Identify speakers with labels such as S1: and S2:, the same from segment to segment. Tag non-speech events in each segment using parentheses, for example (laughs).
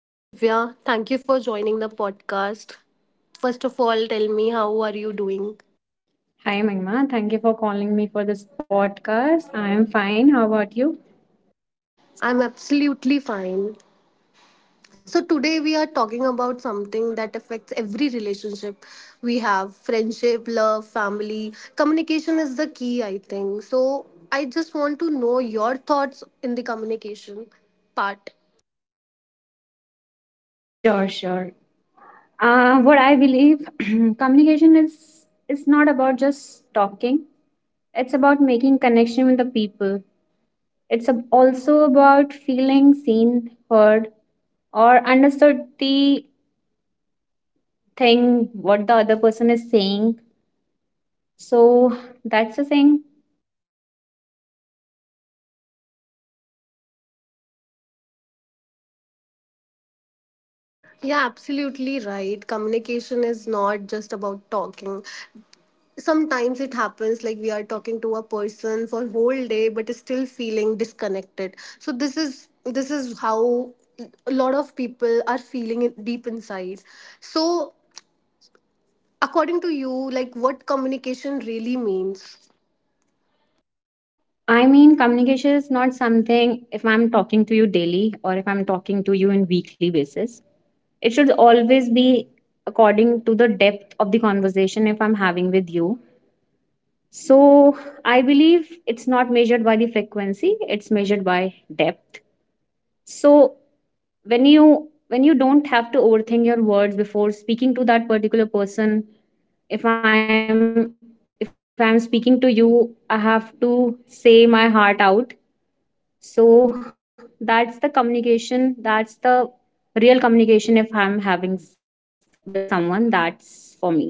S1: Hi Divya, thank you for joining the podcast. First of all, tell me how are you doing?
S2: Hi, Magma. Thank you for calling me for this podcast. I am fine. How about you?
S1: I'm absolutely fine. So today we are talking about something that affects every relationship we have, friendship, love, family. Communication is the key, I think. So I just want to know your thoughts in the communication part.
S2: Sure. What I believe (clears throat) communication is it's not about just talking. It's about making connection with the people. It's also about feeling seen, heard, or understood the thing what the other person is saying. So that's the thing.
S1: Yeah, absolutely right. Communication is not just about talking. Sometimes it happens like we are talking to a person for whole day, but is still feeling disconnected. So this is how a lot of people are feeling it deep inside. So according to you, like what communication really means?
S2: I mean, communication is not something if I'm talking to you daily or if I'm talking to you in weekly basis. It should always be according to the depth of the conversation if I'm having with you. So I believe it's not measured by the frequency, it's measured by depth. So when you don't have to overthink your words before speaking to that particular person, if I'm if I'm speaking to you, I have to say my heart out. So that's the communication, that's the real communication if I'm having with someone, that's for me communication.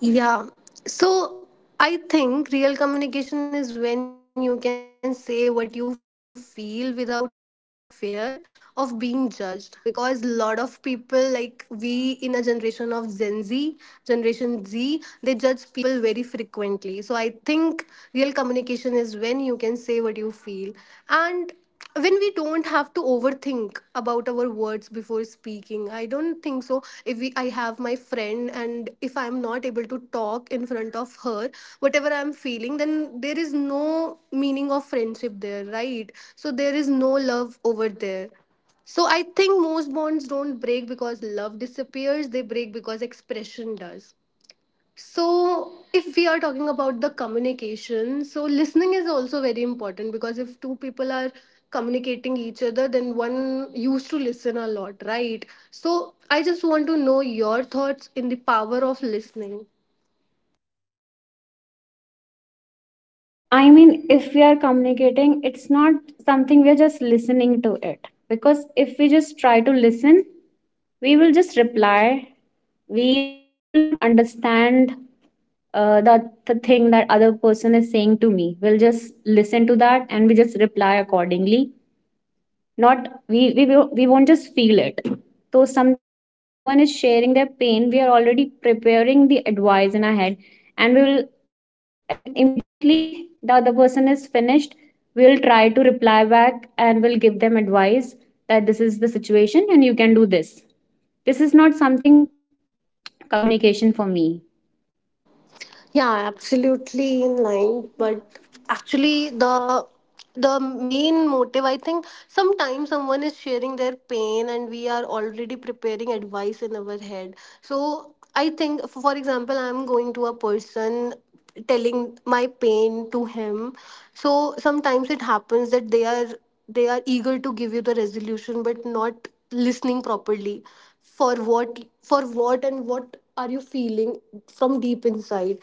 S1: Yeah. So I think real communication is when you can say what you feel without fear of being judged. Because a lot of people, like we in a generation of Gen Z, Generation Z, they judge people very frequently. So I think real communication is when you can say what you feel. And when we don't have to overthink about our words before speaking, I don't think so. If we I have my friend and if I am not able to talk in front of her whatever I am feeling, then there is no meaning of friendship there, right? So there is no love over there. So I think most bonds don't break because love disappears, they break because expression does. So if we are talking about the communication, so listening is also very important because if two people are communicating each other, then one used to listen a lot, right? So I just want to know your thoughts in the power of listening.
S2: I mean, if we are communicating, it's not something we are just listening to it. Because if we just try to listen, we will just reply. We will not understand the thing that other person is saying to me. We'll just listen to that and we just reply accordingly, not we won't just feel it. So sometimes if someone is sharing their pain, we are already preparing the advice in our head, and we will, and immediately the other person is finished, we will try to reply back and we'll give them advice that this is the situation and you can do this. This is not something communication for me.
S1: Yeah, absolutely in line. But actually, the main motive, I think, sometimes someone is sharing their pain, and we are already preparing advice in our head. So I think, for example, I'm going to a person telling my pain to him. So sometimes it happens that they are eager to give you the resolution, but not listening properly for what and what are you feeling from deep inside.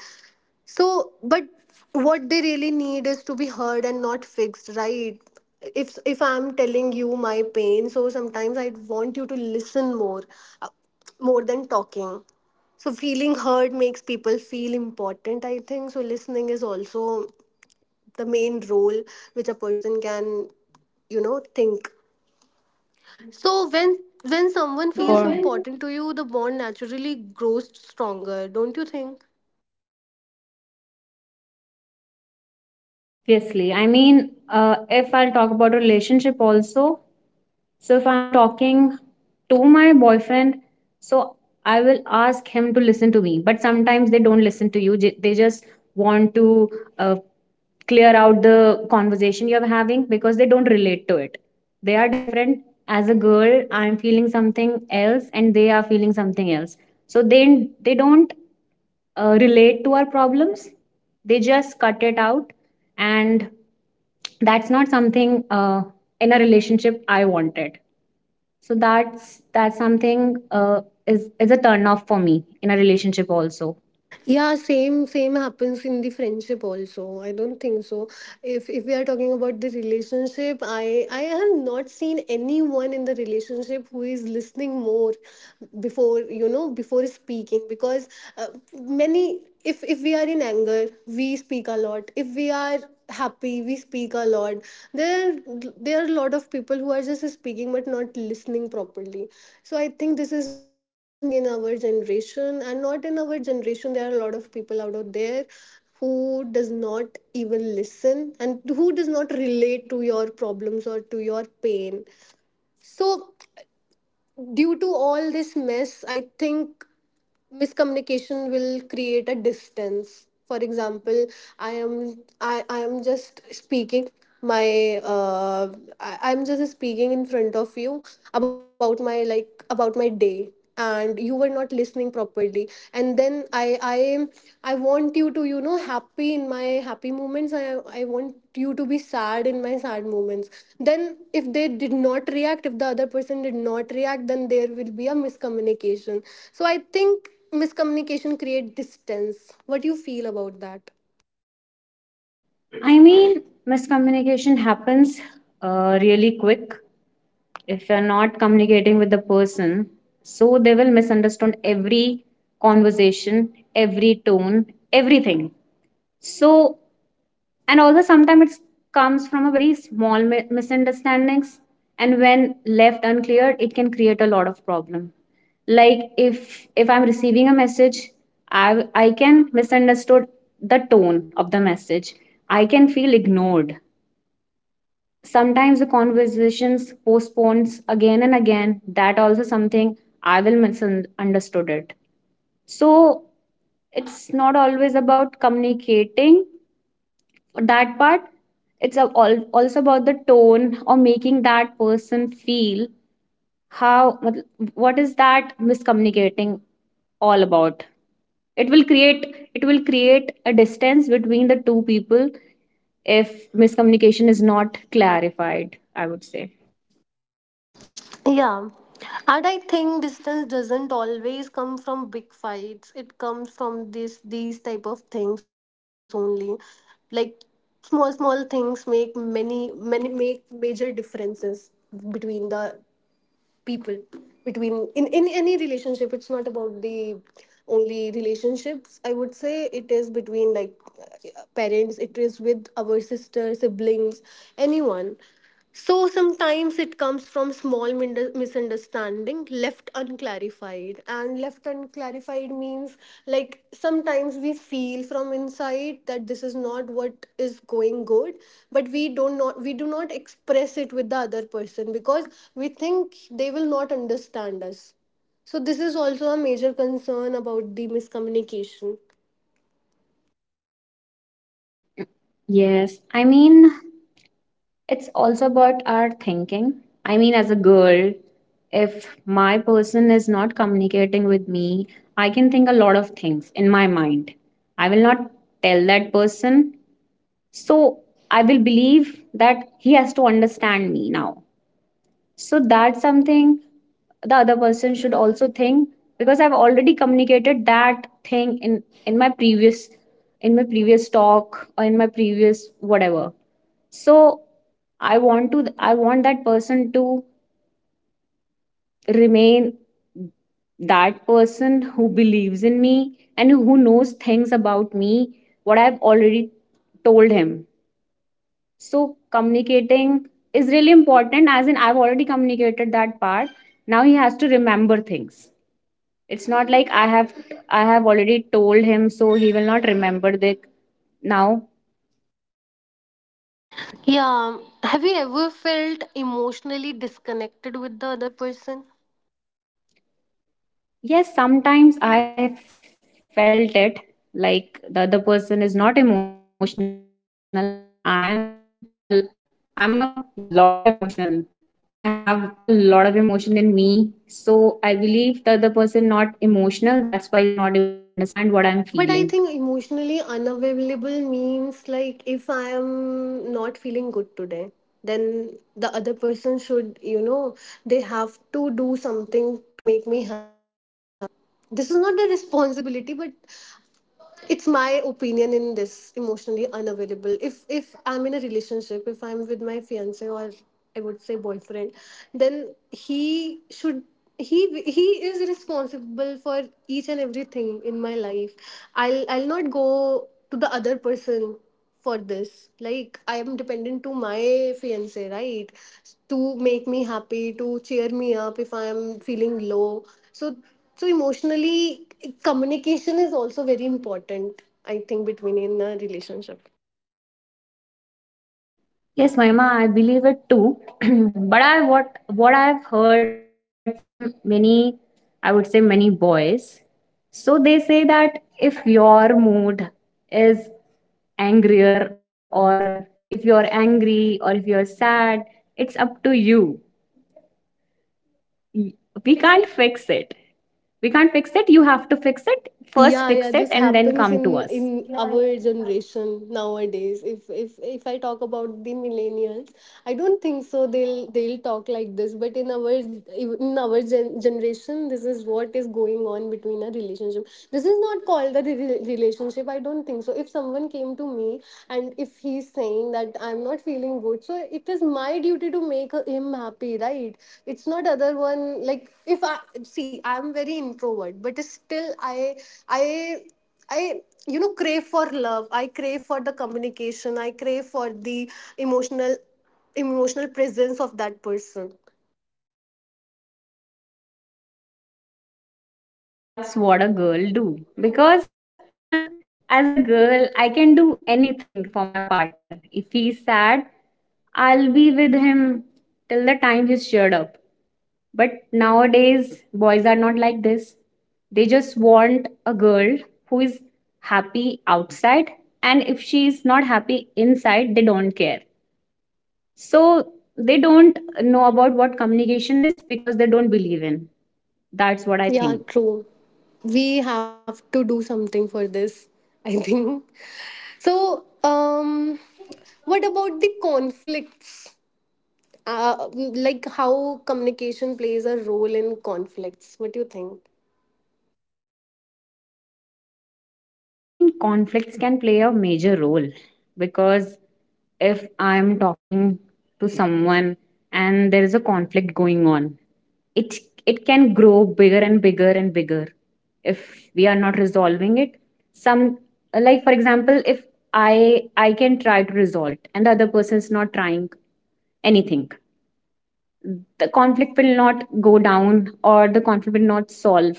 S1: So, but what they really need is to be heard and not fixed, right? If I'm telling you my pain, so sometimes I want you to listen more, uh, more than talking. So feeling heard makes people feel important, I think. So listening is also the main role which a person can think. So when someone
S2: Mm, so
S1: feels
S2: for,
S1: important to you, the bond naturally grows stronger, don't you think?
S2: obviously. I mean, if I'll talk about relationship also, so if I'm talking to my boyfriend, so I will ask him to listen to me. But sometimes they don't listen to you. They just want to, uh, clear out the conversation you're having because they don't relate to it. They are different. As a girl, I'm feeling something else, and they are feeling something else. So they don't relate to our problems. They just cut it out, and that's not something, in a relationship I wanted. So that's something, is a turn off for me in a relationship also.
S1: Yeah, same happens in the friendship also. I don't think so. If we are talking about the relationship, I have not seen anyone in the relationship who is listening more before you know before speaking. Because uh, many, if we are in anger we speak a lot, if we are happy we speak a lot. There there are a lot of people who are just speaking but not listening properly. So I think this is missing in our generation, and not in our generation. There are a lot of people out of there who does not even listen and who does not relate to your problems or to your pain. So due to all this mess, I think miscommunication will create a distance. For example, I am just speaking my I'm just speaking in front of you about my, like about my day. And you were not listening properly, and then I want you to, happy in my happy moments. I want you to be sad in my sad moments. Then if they did not react, if the other person did not react, then there will be a miscommunication. So I think miscommunication create distance. What do you feel about that?
S2: I mean, miscommunication happens really quick if you're not communicating with the person. So they will misunderstand every conversation, every tone, everything. So, and also sometimes it comes from a very small misunderstandings, and when left uncleared, it can create a lot of problem. Like if I'm receiving a message, i I can misunderstood the tone of the message, I can feel ignored. Sometimes the conversations postpones again and again, that also something I will misunderstood it. So it's not always about communicating that part, it's also about the tone or making that person feel how, मतलब, what is that miscommunicating all about. It will create a distance between the two people if miscommunication is not clarified, I would say.
S1: Yeah. And I think distance doesn't always come from big fights. It comes from this these type of things only. Like small small things make many many make major differences between the people, between in any relationship. It's not about the only relationships, I would say. It is between like parents, it is with our sister siblings, anyone. So sometimes it comes from small misunderstandings, understanding left unclarified. And left unclarified means, like, sometimes we feel from inside that this is not what is going good, but we don't not, we do not express it with the other person because we think they will not understand us. So this is also a major concern about the miscommunication.
S2: Yes, I mean, it's also about our thinking. I mean, as a girl, if my person is not communicating with me, I can think a lot of things in my mind. I will not tell that person. So I will believe that he has to understand me now. So that's something the other person should also think, because I've already communicated that thing in my previous talk or in my previous whatever. So I want that person to remain that person who believes in me and who knows things about me, what I've already told him. So communicating is really important, as in I've already communicated that part, now he has to remember things. It's not like I have already told him so he will not remember the now.
S1: Yeah. Have you ever felt emotionally disconnected with the other person?
S2: Yes, sometimes I felt it, like the other person is not emotional and I'm a lot of emotional. I have a lot of emotion in me. So I believe the other person not emotional, that's why he's not able to understand what I'm feeling.
S1: But I think emotionally unavailable means, like, if I am not feeling good today, then the other person should, they have to do something to make me happy. This is not a responsibility, but it's my opinion in this emotionally unavailable. If I'm in a relationship, if I'm with my fiance, or I would say boyfriend, then he is responsible for each and everything in my life. I'll not go to the other person for this. Like I am dependent to my fiance, right? To make me happy, to cheer me up if I am feeling low. So, emotionally communication is also very important, I think, between in a relationship.
S2: Yes, Mahima, I believe it too. (clears throat) But I, what I've heard from many, I would say many boys. So they say that if your mood is angrier or if you're angry or if you're sad, it's up to you. Y- We can't fix it. We can't fix it. You have to fix it. First
S1: Yeah,
S2: fix
S1: yeah,
S2: it
S1: this
S2: and then
S1: happens
S2: come
S1: in
S2: to us.
S1: in our generation nowadays. If I talk about the millennials, I don't think so they'll talk like this. But in our, generation this is what is going on between a relationship. This is not called a relationship, I don't think so. If someone came to me and if he's saying that I'm not feeling good, so it is my duty to make him happy, right? It's not other one. Like if I see, I'm very introvert, but still i I crave for love. I crave for the communication. I crave for the emotional emotional presence of that person.
S2: I mean, that's what a girl do. Because (laughs) as a girl, I can do anything for my partner. If he's sad, I'll be with him till the time he's cheered up. But nowadays, boys are not like this. They just want a girl who is happy outside, and if she is not happy inside, they don't care. So they don't know about what communication is because they don't believe in. That's what I
S1: Yeah,
S2: think.
S1: true. We have to do something for this, I (laughs) think so. um what about the conflicts? Like how communication plays a role in conflicts, what do you think?
S2: I mean, conflicts can play a major role, because if I'm talking to someone and there is a conflict going on, it it can grow bigger and bigger and bigger if we are not resolving it. Some, like for example, if I can try to resolve it and the other person is not trying anything, the conflict will not go down or the conflict will not solve.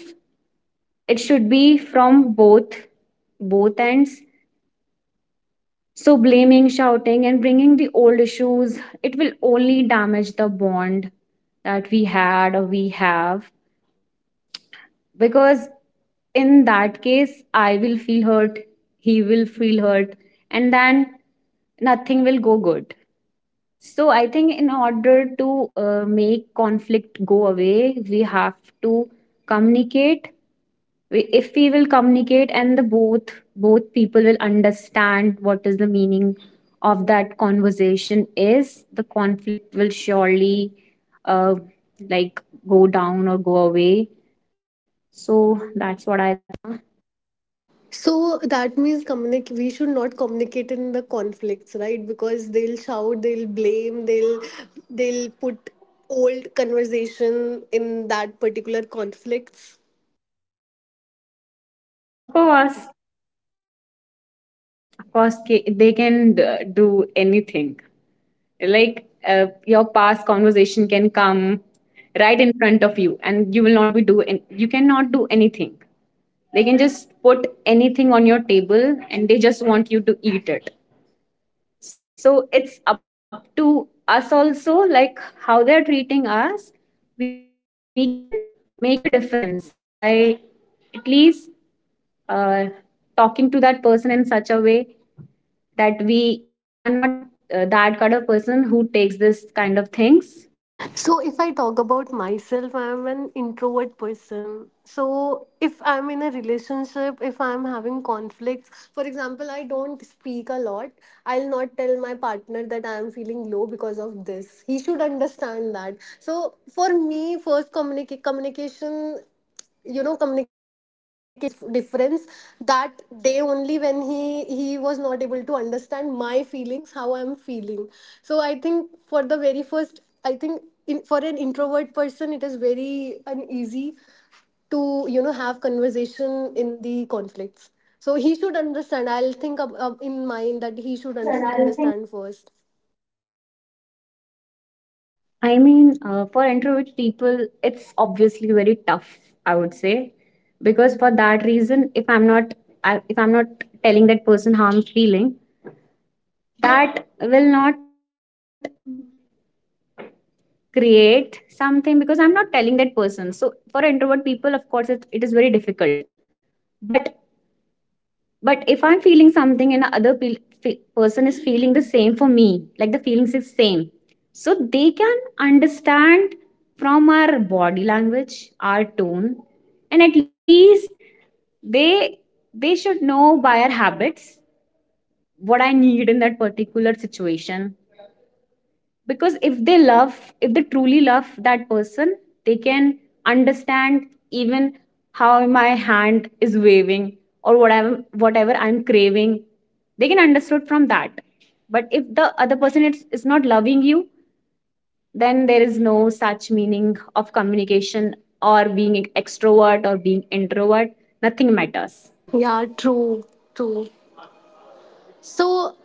S2: It should be from both ends. So, blaming, shouting, and bringing the old issues, it will only damage the bond that we had or we have. Because in that case, I will feel hurt, he will feel hurt, and then nothing will go good. So, I think in order to make conflict go away, we have to communicate. If we will communicate and the both people will understand what is the meaning of that conversation is, the conflict will surely, uh, like, go down or go away. So that's what I,
S1: So that means, we should not communicate in the conflicts, right? Because they'll shout, they'll blame, they'll put old conversation in that particular conflicts.
S2: of course, of course, they can do anything. Like, your past conversation can come right in front of you and you will not be you cannot do anything. They can just put anything on your table and they just want you to eat it. So it's up to us also, like how they're treating us. We can make a difference by at least, uh, talking to that person in such a way that we are not, that kind of person who takes this kind of things.
S1: So, if I talk about myself, I'm an introvert person. So, if I'm in a relationship, if I'm having conflicts, for example, I don't speak a lot. I'll not tell my partner that I am feeling low because of this. He should understand that. So, for me, first communication you know communication makes this difference. That day only, when he was not able to understand my feelings, how I'm feeling. So I think for the very first, I think, in, for an introvert person it is very uneasy to have conversation in the conflicts. So he should understand. I'll think
S2: So he
S1: up
S2: should
S1: in
S2: understand.
S1: mind that
S2: I
S1: he
S2: think,
S1: should understand first.
S2: I mean, for introvert people, it's obviously very tough, I would say, because for that reason, if I'm not telling that person how I'm feeling, that will not create something because I'm not telling that person. So for introvert people, of course, it is very difficult. But But if I'm feeling something and other person is feeling the same for me, like the feelings is same, so they can understand from our body language, our tone, and at least they they should know by our habits what I need in that particular situation. Because if they love, if they truly love that person, they can understand even how my hand is waving or whatever I'm craving, they can understand from that. But if the other person is not loving you, then there is no such meaning of communication or being extrovert or being introvert, nothing matters.
S1: Yeah, true, true. So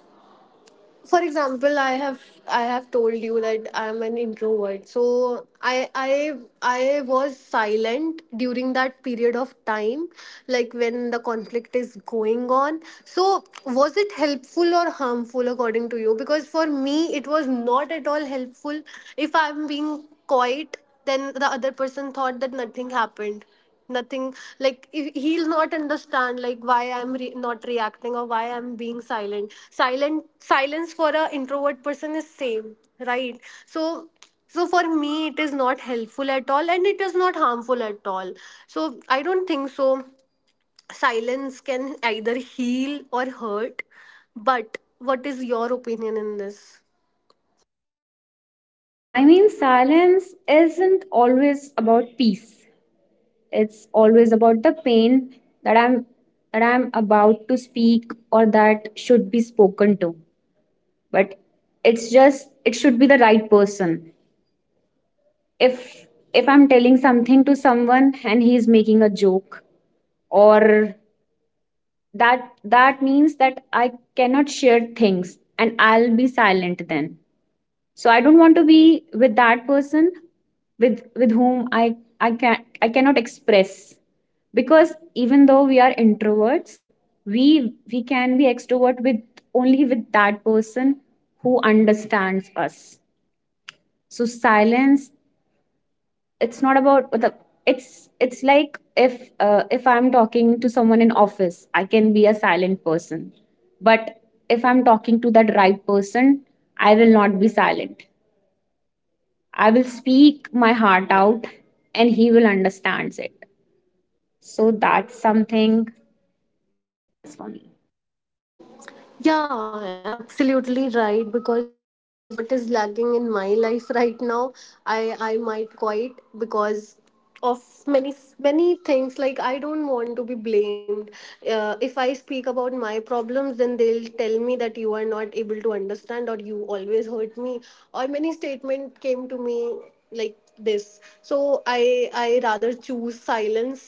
S1: for example, I have told you that I'm an introvert. So I was silent during that period of time, like when the conflict is going on. So was it helpful or harmful according to you? Because for me, it was not at all helpful. If I'm being quiet, then the other person thought that nothing happened. Nothing. Like he'll not understand, like why I'm not reacting or why I'm being silent. Silence for a introvert person is same, right? So so for me, it is not helpful at all and it is not harmful at all. So I don't think so silence can either heal or hurt. But what is your opinion in this?
S2: I mean, silence isn't always about peace. It's always about the pain that I'm about to speak or that should be spoken to. But it's just, it should be the right person. If I'm telling something to someone and he's making a joke or, that that means that I cannot share things and I'll be silent then. So I don't want to be with that person with whom I cannot express. Because even though we are introverts, we can be extrovert with, only with that person who understands us. So silence, it's not about the, it's like if, if I'm talking to someone in office I can be a silent person. But if I'm talking to that right person, I will not be silent, I will speak my heart out and he will understands it. So that's something, that's for me.
S1: Yeah, absolutely right. Because this is what is lacking in my life (laughs) right now. I might quit because of many many things. Like I don't want to be blamed. If I speak about my problems, then they'll tell me that you are not able to understand, or you always hurt me, or many statement came to me like this. So I rather choose silence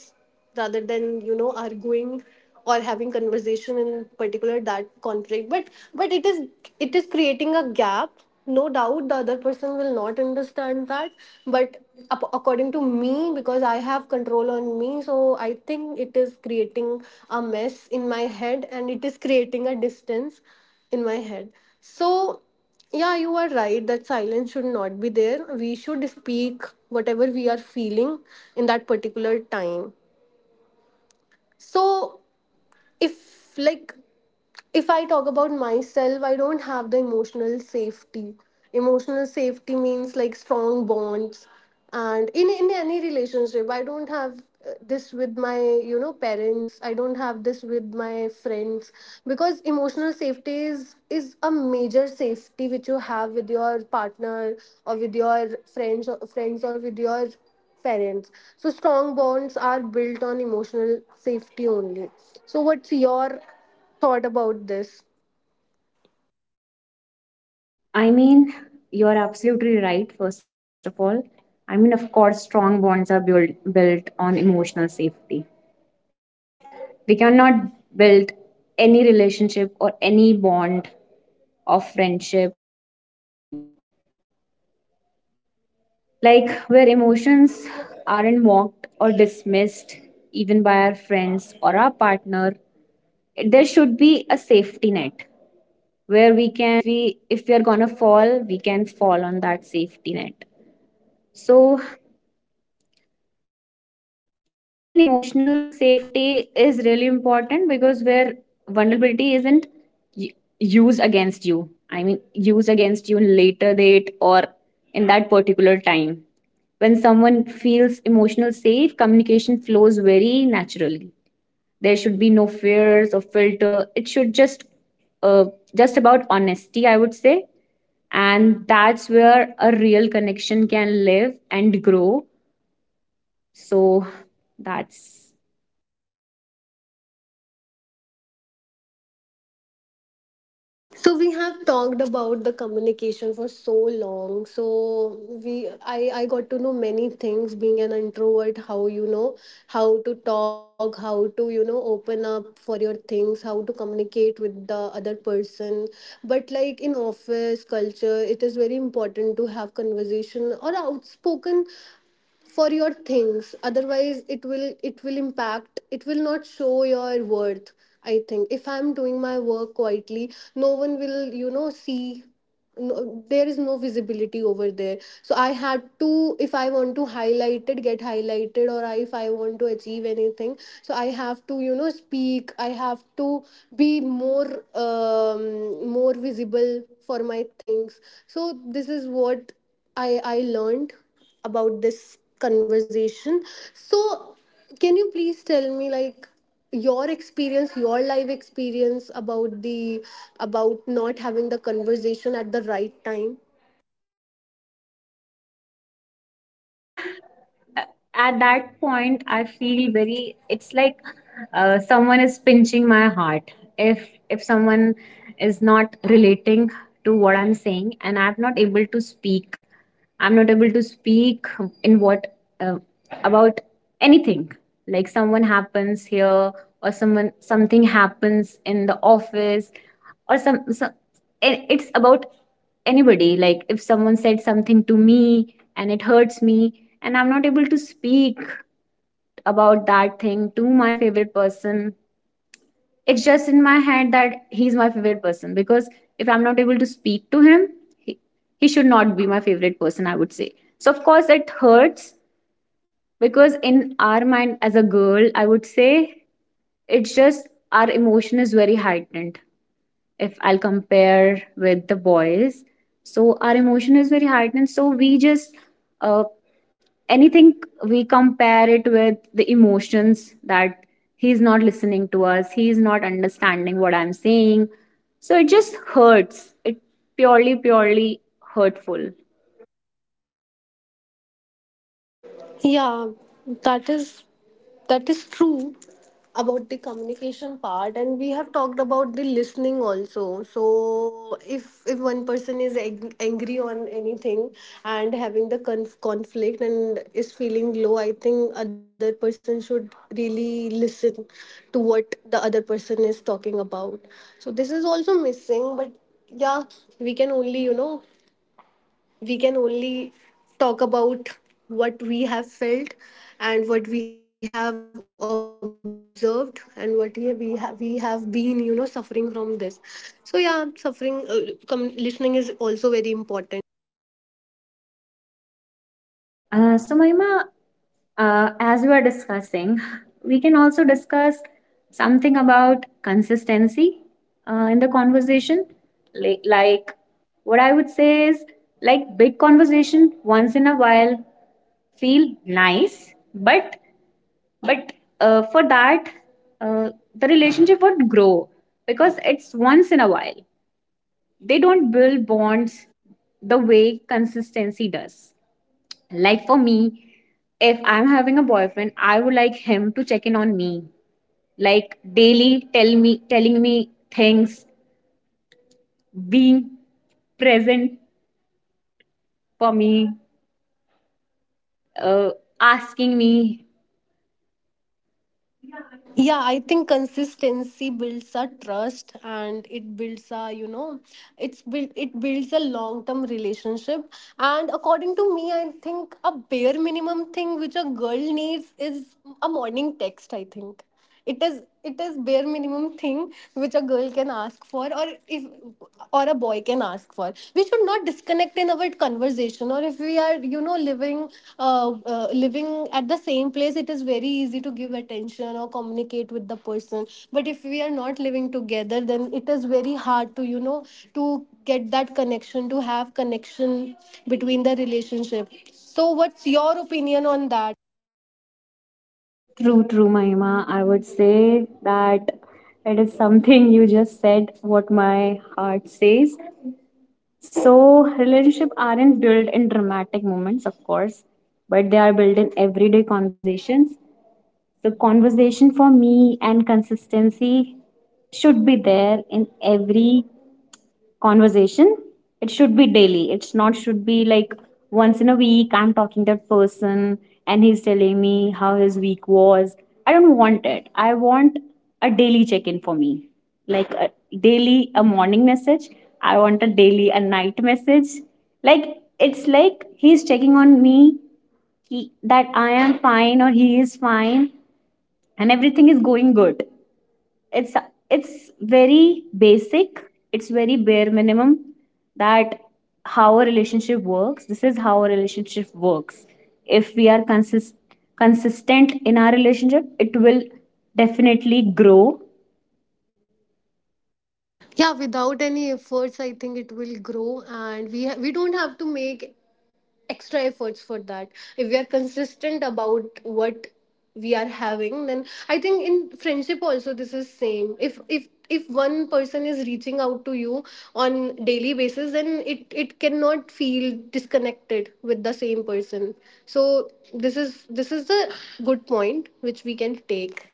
S1: rather than arguing or having conversation in particular that conflict, but but it is creating a gap. No doubt the other person will not understand that, but according to me, because I have control on me, so I think it is creating a mess in my head, and it is creating a distance in my head. So yeah, you are right that silence should not be there. We should speak whatever we are feeling in that particular time. So
S2: So,
S1: if like, if I talk about myself, I don't have the emotional safety. Emotional safety means like strong bonds, and in any relationship I don't have. This with my parents, I don't have this with my friends, because emotional safety is a major safety which you have with your partner or with your friends, or friends, or with your parents. So strong bonds are built on emotional safety only. So what's your thought about this?
S2: I mean, you're absolutely right, first of all. I mean, of course, strong bonds are built on emotional safety. We cannot build any relationship or any bond of friendship or anything. Like, where emotions aren't mocked or dismissed, even by our friends or our partner, there should be a safety net where we can, if we are gonna fall, we can fall on that safety net. So emotional safety is really important, because where vulnerability isn't y- used against you, I mean, used against you in later date or in that particular time. When someone feels emotional safe, communication flows very naturally. There should be no fears or filter. It should uh, just about honesty, I would say. And that's where a real connection can live and grow. So that's
S1: So we have talked about the communication for so long. So we, I got to know many things being an introvert, how you know, how to talk, how to, you know, open up for your things, how to communicate with the other person. But like in office culture, it is very important to have conversation or outspoken for your things, otherwise it will impact, it will not show your worth. I think if I'm doing my work quietly, no one will, you know, see. No, there is no visibility over there, so I had to, if I want to highlight it, get highlighted, or if I want to achieve anything, so I have to, you know, speak. I have to be more more visible for my things. So this is what I learned about this conversation. So can you please tell me, like, your experience, your life experience about the, about not having the conversation at the right time?
S2: I mean, a- at that point, I feel very. It's like someone is pinching my heart. If someone is not relating to what I'm saying, and I'm not able to speak, I'm not able to speak in what uh, about anything. Like someone happens here, or someone something happens in the office, or some. Some it's about anybody. Like if someone said something to me and it hurts me, and I'm not able to speak about that thing to my favorite person, it's just in my head that he's my favorite person, because if I'm not able to speak to him, he, he should not be my favorite person, I would say. So of course it hurts, because in our mind, as a girl I would say, it's just our emotion is very heightened if I'll compare with the boys. So our emotion is very heightened. So we just uh, anything, we compare it with the emotions that he's not listening to us, he's not understanding what I'm saying. So it just hurts. It purely hurtful.
S1: Yeah, that is, that is true about the communication part, and we have talked about the listening also. So if one person is angry on anything and having the conflict and is feeling low, I think other person should really listen to what the other person is talking about. So this is also missing, but yeah, we can only, you know, we can only talk about what we have felt, and what we have observed, and what we have been, you know, suffering from this. So yeah, suffering, listening is also very important.
S2: So Mahima, as we are discussing, we can also discuss something about consistency in the conversation. Like, what I would say is, like, big conversation once in a while feel nice, but for that, uh, the relationship would grow because it's once in a while. They don't build bonds the way consistency does. Like for me, if I'm having a boyfriend, I would like him to check in on me, like daily, tell me, telling me things, being present for me, uh, asking me.
S1: Yeah, I think consistency builds a trust, and it builds a, you know, it builds a long term relationship. And according to me, I think a bare minimum thing which a girl needs is a morning text, I think. It is bare minimum thing which a girl can ask for, or if, or a boy can ask for. We should not disconnect in our conversation, or if we are, you know, living, living at the same place, it is very easy to give attention or communicate with the person. But if we are not living together, then it is very hard to, you know, to get that connection, to have connection between the relationship. So what's your opinion on that?
S2: True, true, Mahima. I would say that it is something you just said, what my heart says. So relationship aren't built in dramatic moments, of course, but they are built in everyday conversations. So, conversation for me and consistency should be there in every conversation. It should be daily. It's not should be like once in a week I'm talking that person and he's telling me how his week was. I don't want it. I want a daily check-in for me. Like a daily a morning message. I want a daily a night message. Like it's like he's checking on me, that I am fine or he is fine, and everything is going good. It's it's very basic. It's very bare minimum that how a relationship works. This is how a relationship works. If we are consistent in our relationship, it will definitely grow.
S1: Yeah, without any efforts I think it will grow, and we we don't have to make extra efforts for that. If we are consistent about what we are having, then I think in friendship also this is same. If if one person is reaching out to you on daily basis, then it cannot feel disconnected with the same person. So this is the good point which we can take.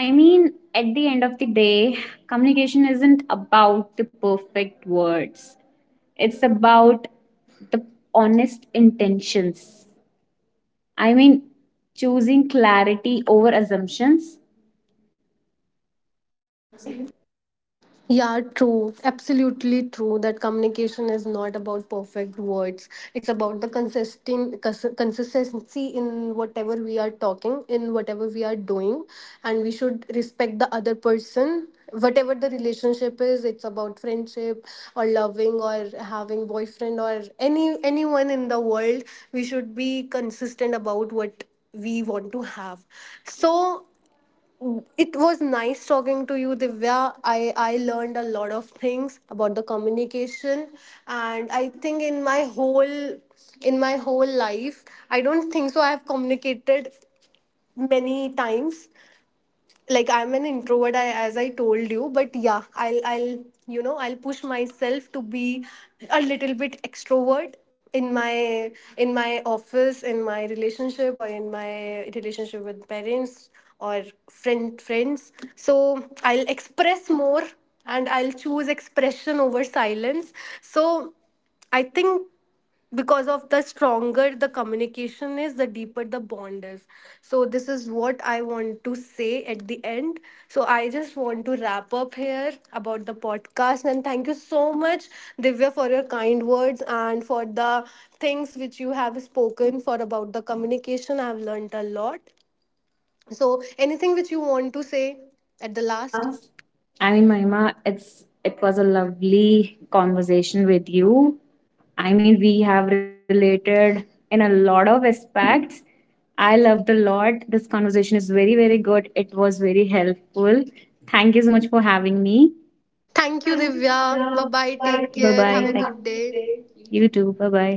S2: I mean, at the end of the day, communication isn't about the perfect words, it's about the honest intentions. I mean, choosing clarity over assumptions.
S1: Yeah, true. Absolutely true that communication is not about perfect words. It's about the consistent consistency in whatever we are talking, in whatever we are doing, and we should respect the other person. Whatever the relationship is, it's about friendship or loving or having boyfriend or anyone in the world. We should be consistent about what we want to have. So it was nice talking to you, Divya. I learned a lot of things about the communication, and I think in my whole life, I don't think so. I have communicated many times, like I'm an introvert, as I told you. But yeah, I'll you know, I'll push myself to be a little bit extrovert in my, in my office, in my relationship, or in my relationship with parents, or friends. So I'll express more, and I'll choose expression over silence. So I think, because of the stronger the communication is, the deeper the bond is. So this is what I want to say at the end. So I just want to wrap up here about the podcast, and thank you so much, Divya, for your kind words and for the things which you have spoken for, about the communication. I have learned a lot. So anything which you want to say at the
S2: At the
S1: last?
S2: last. I mean, Mahima, it was a lovely conversation with you. I mean, we have related in a lot of aspects. I loved a lot. This conversation is very, very good. It was very helpful. Thank you so much for having me.
S1: Thank you,
S2: Thank you,
S1: Divya.
S2: Divya.
S1: Bye bye,
S2: Bye
S1: take
S2: bye. Bye
S1: care,
S2: bye.
S1: have
S2: Thank
S1: a good day.
S2: Have you too. Bye bye.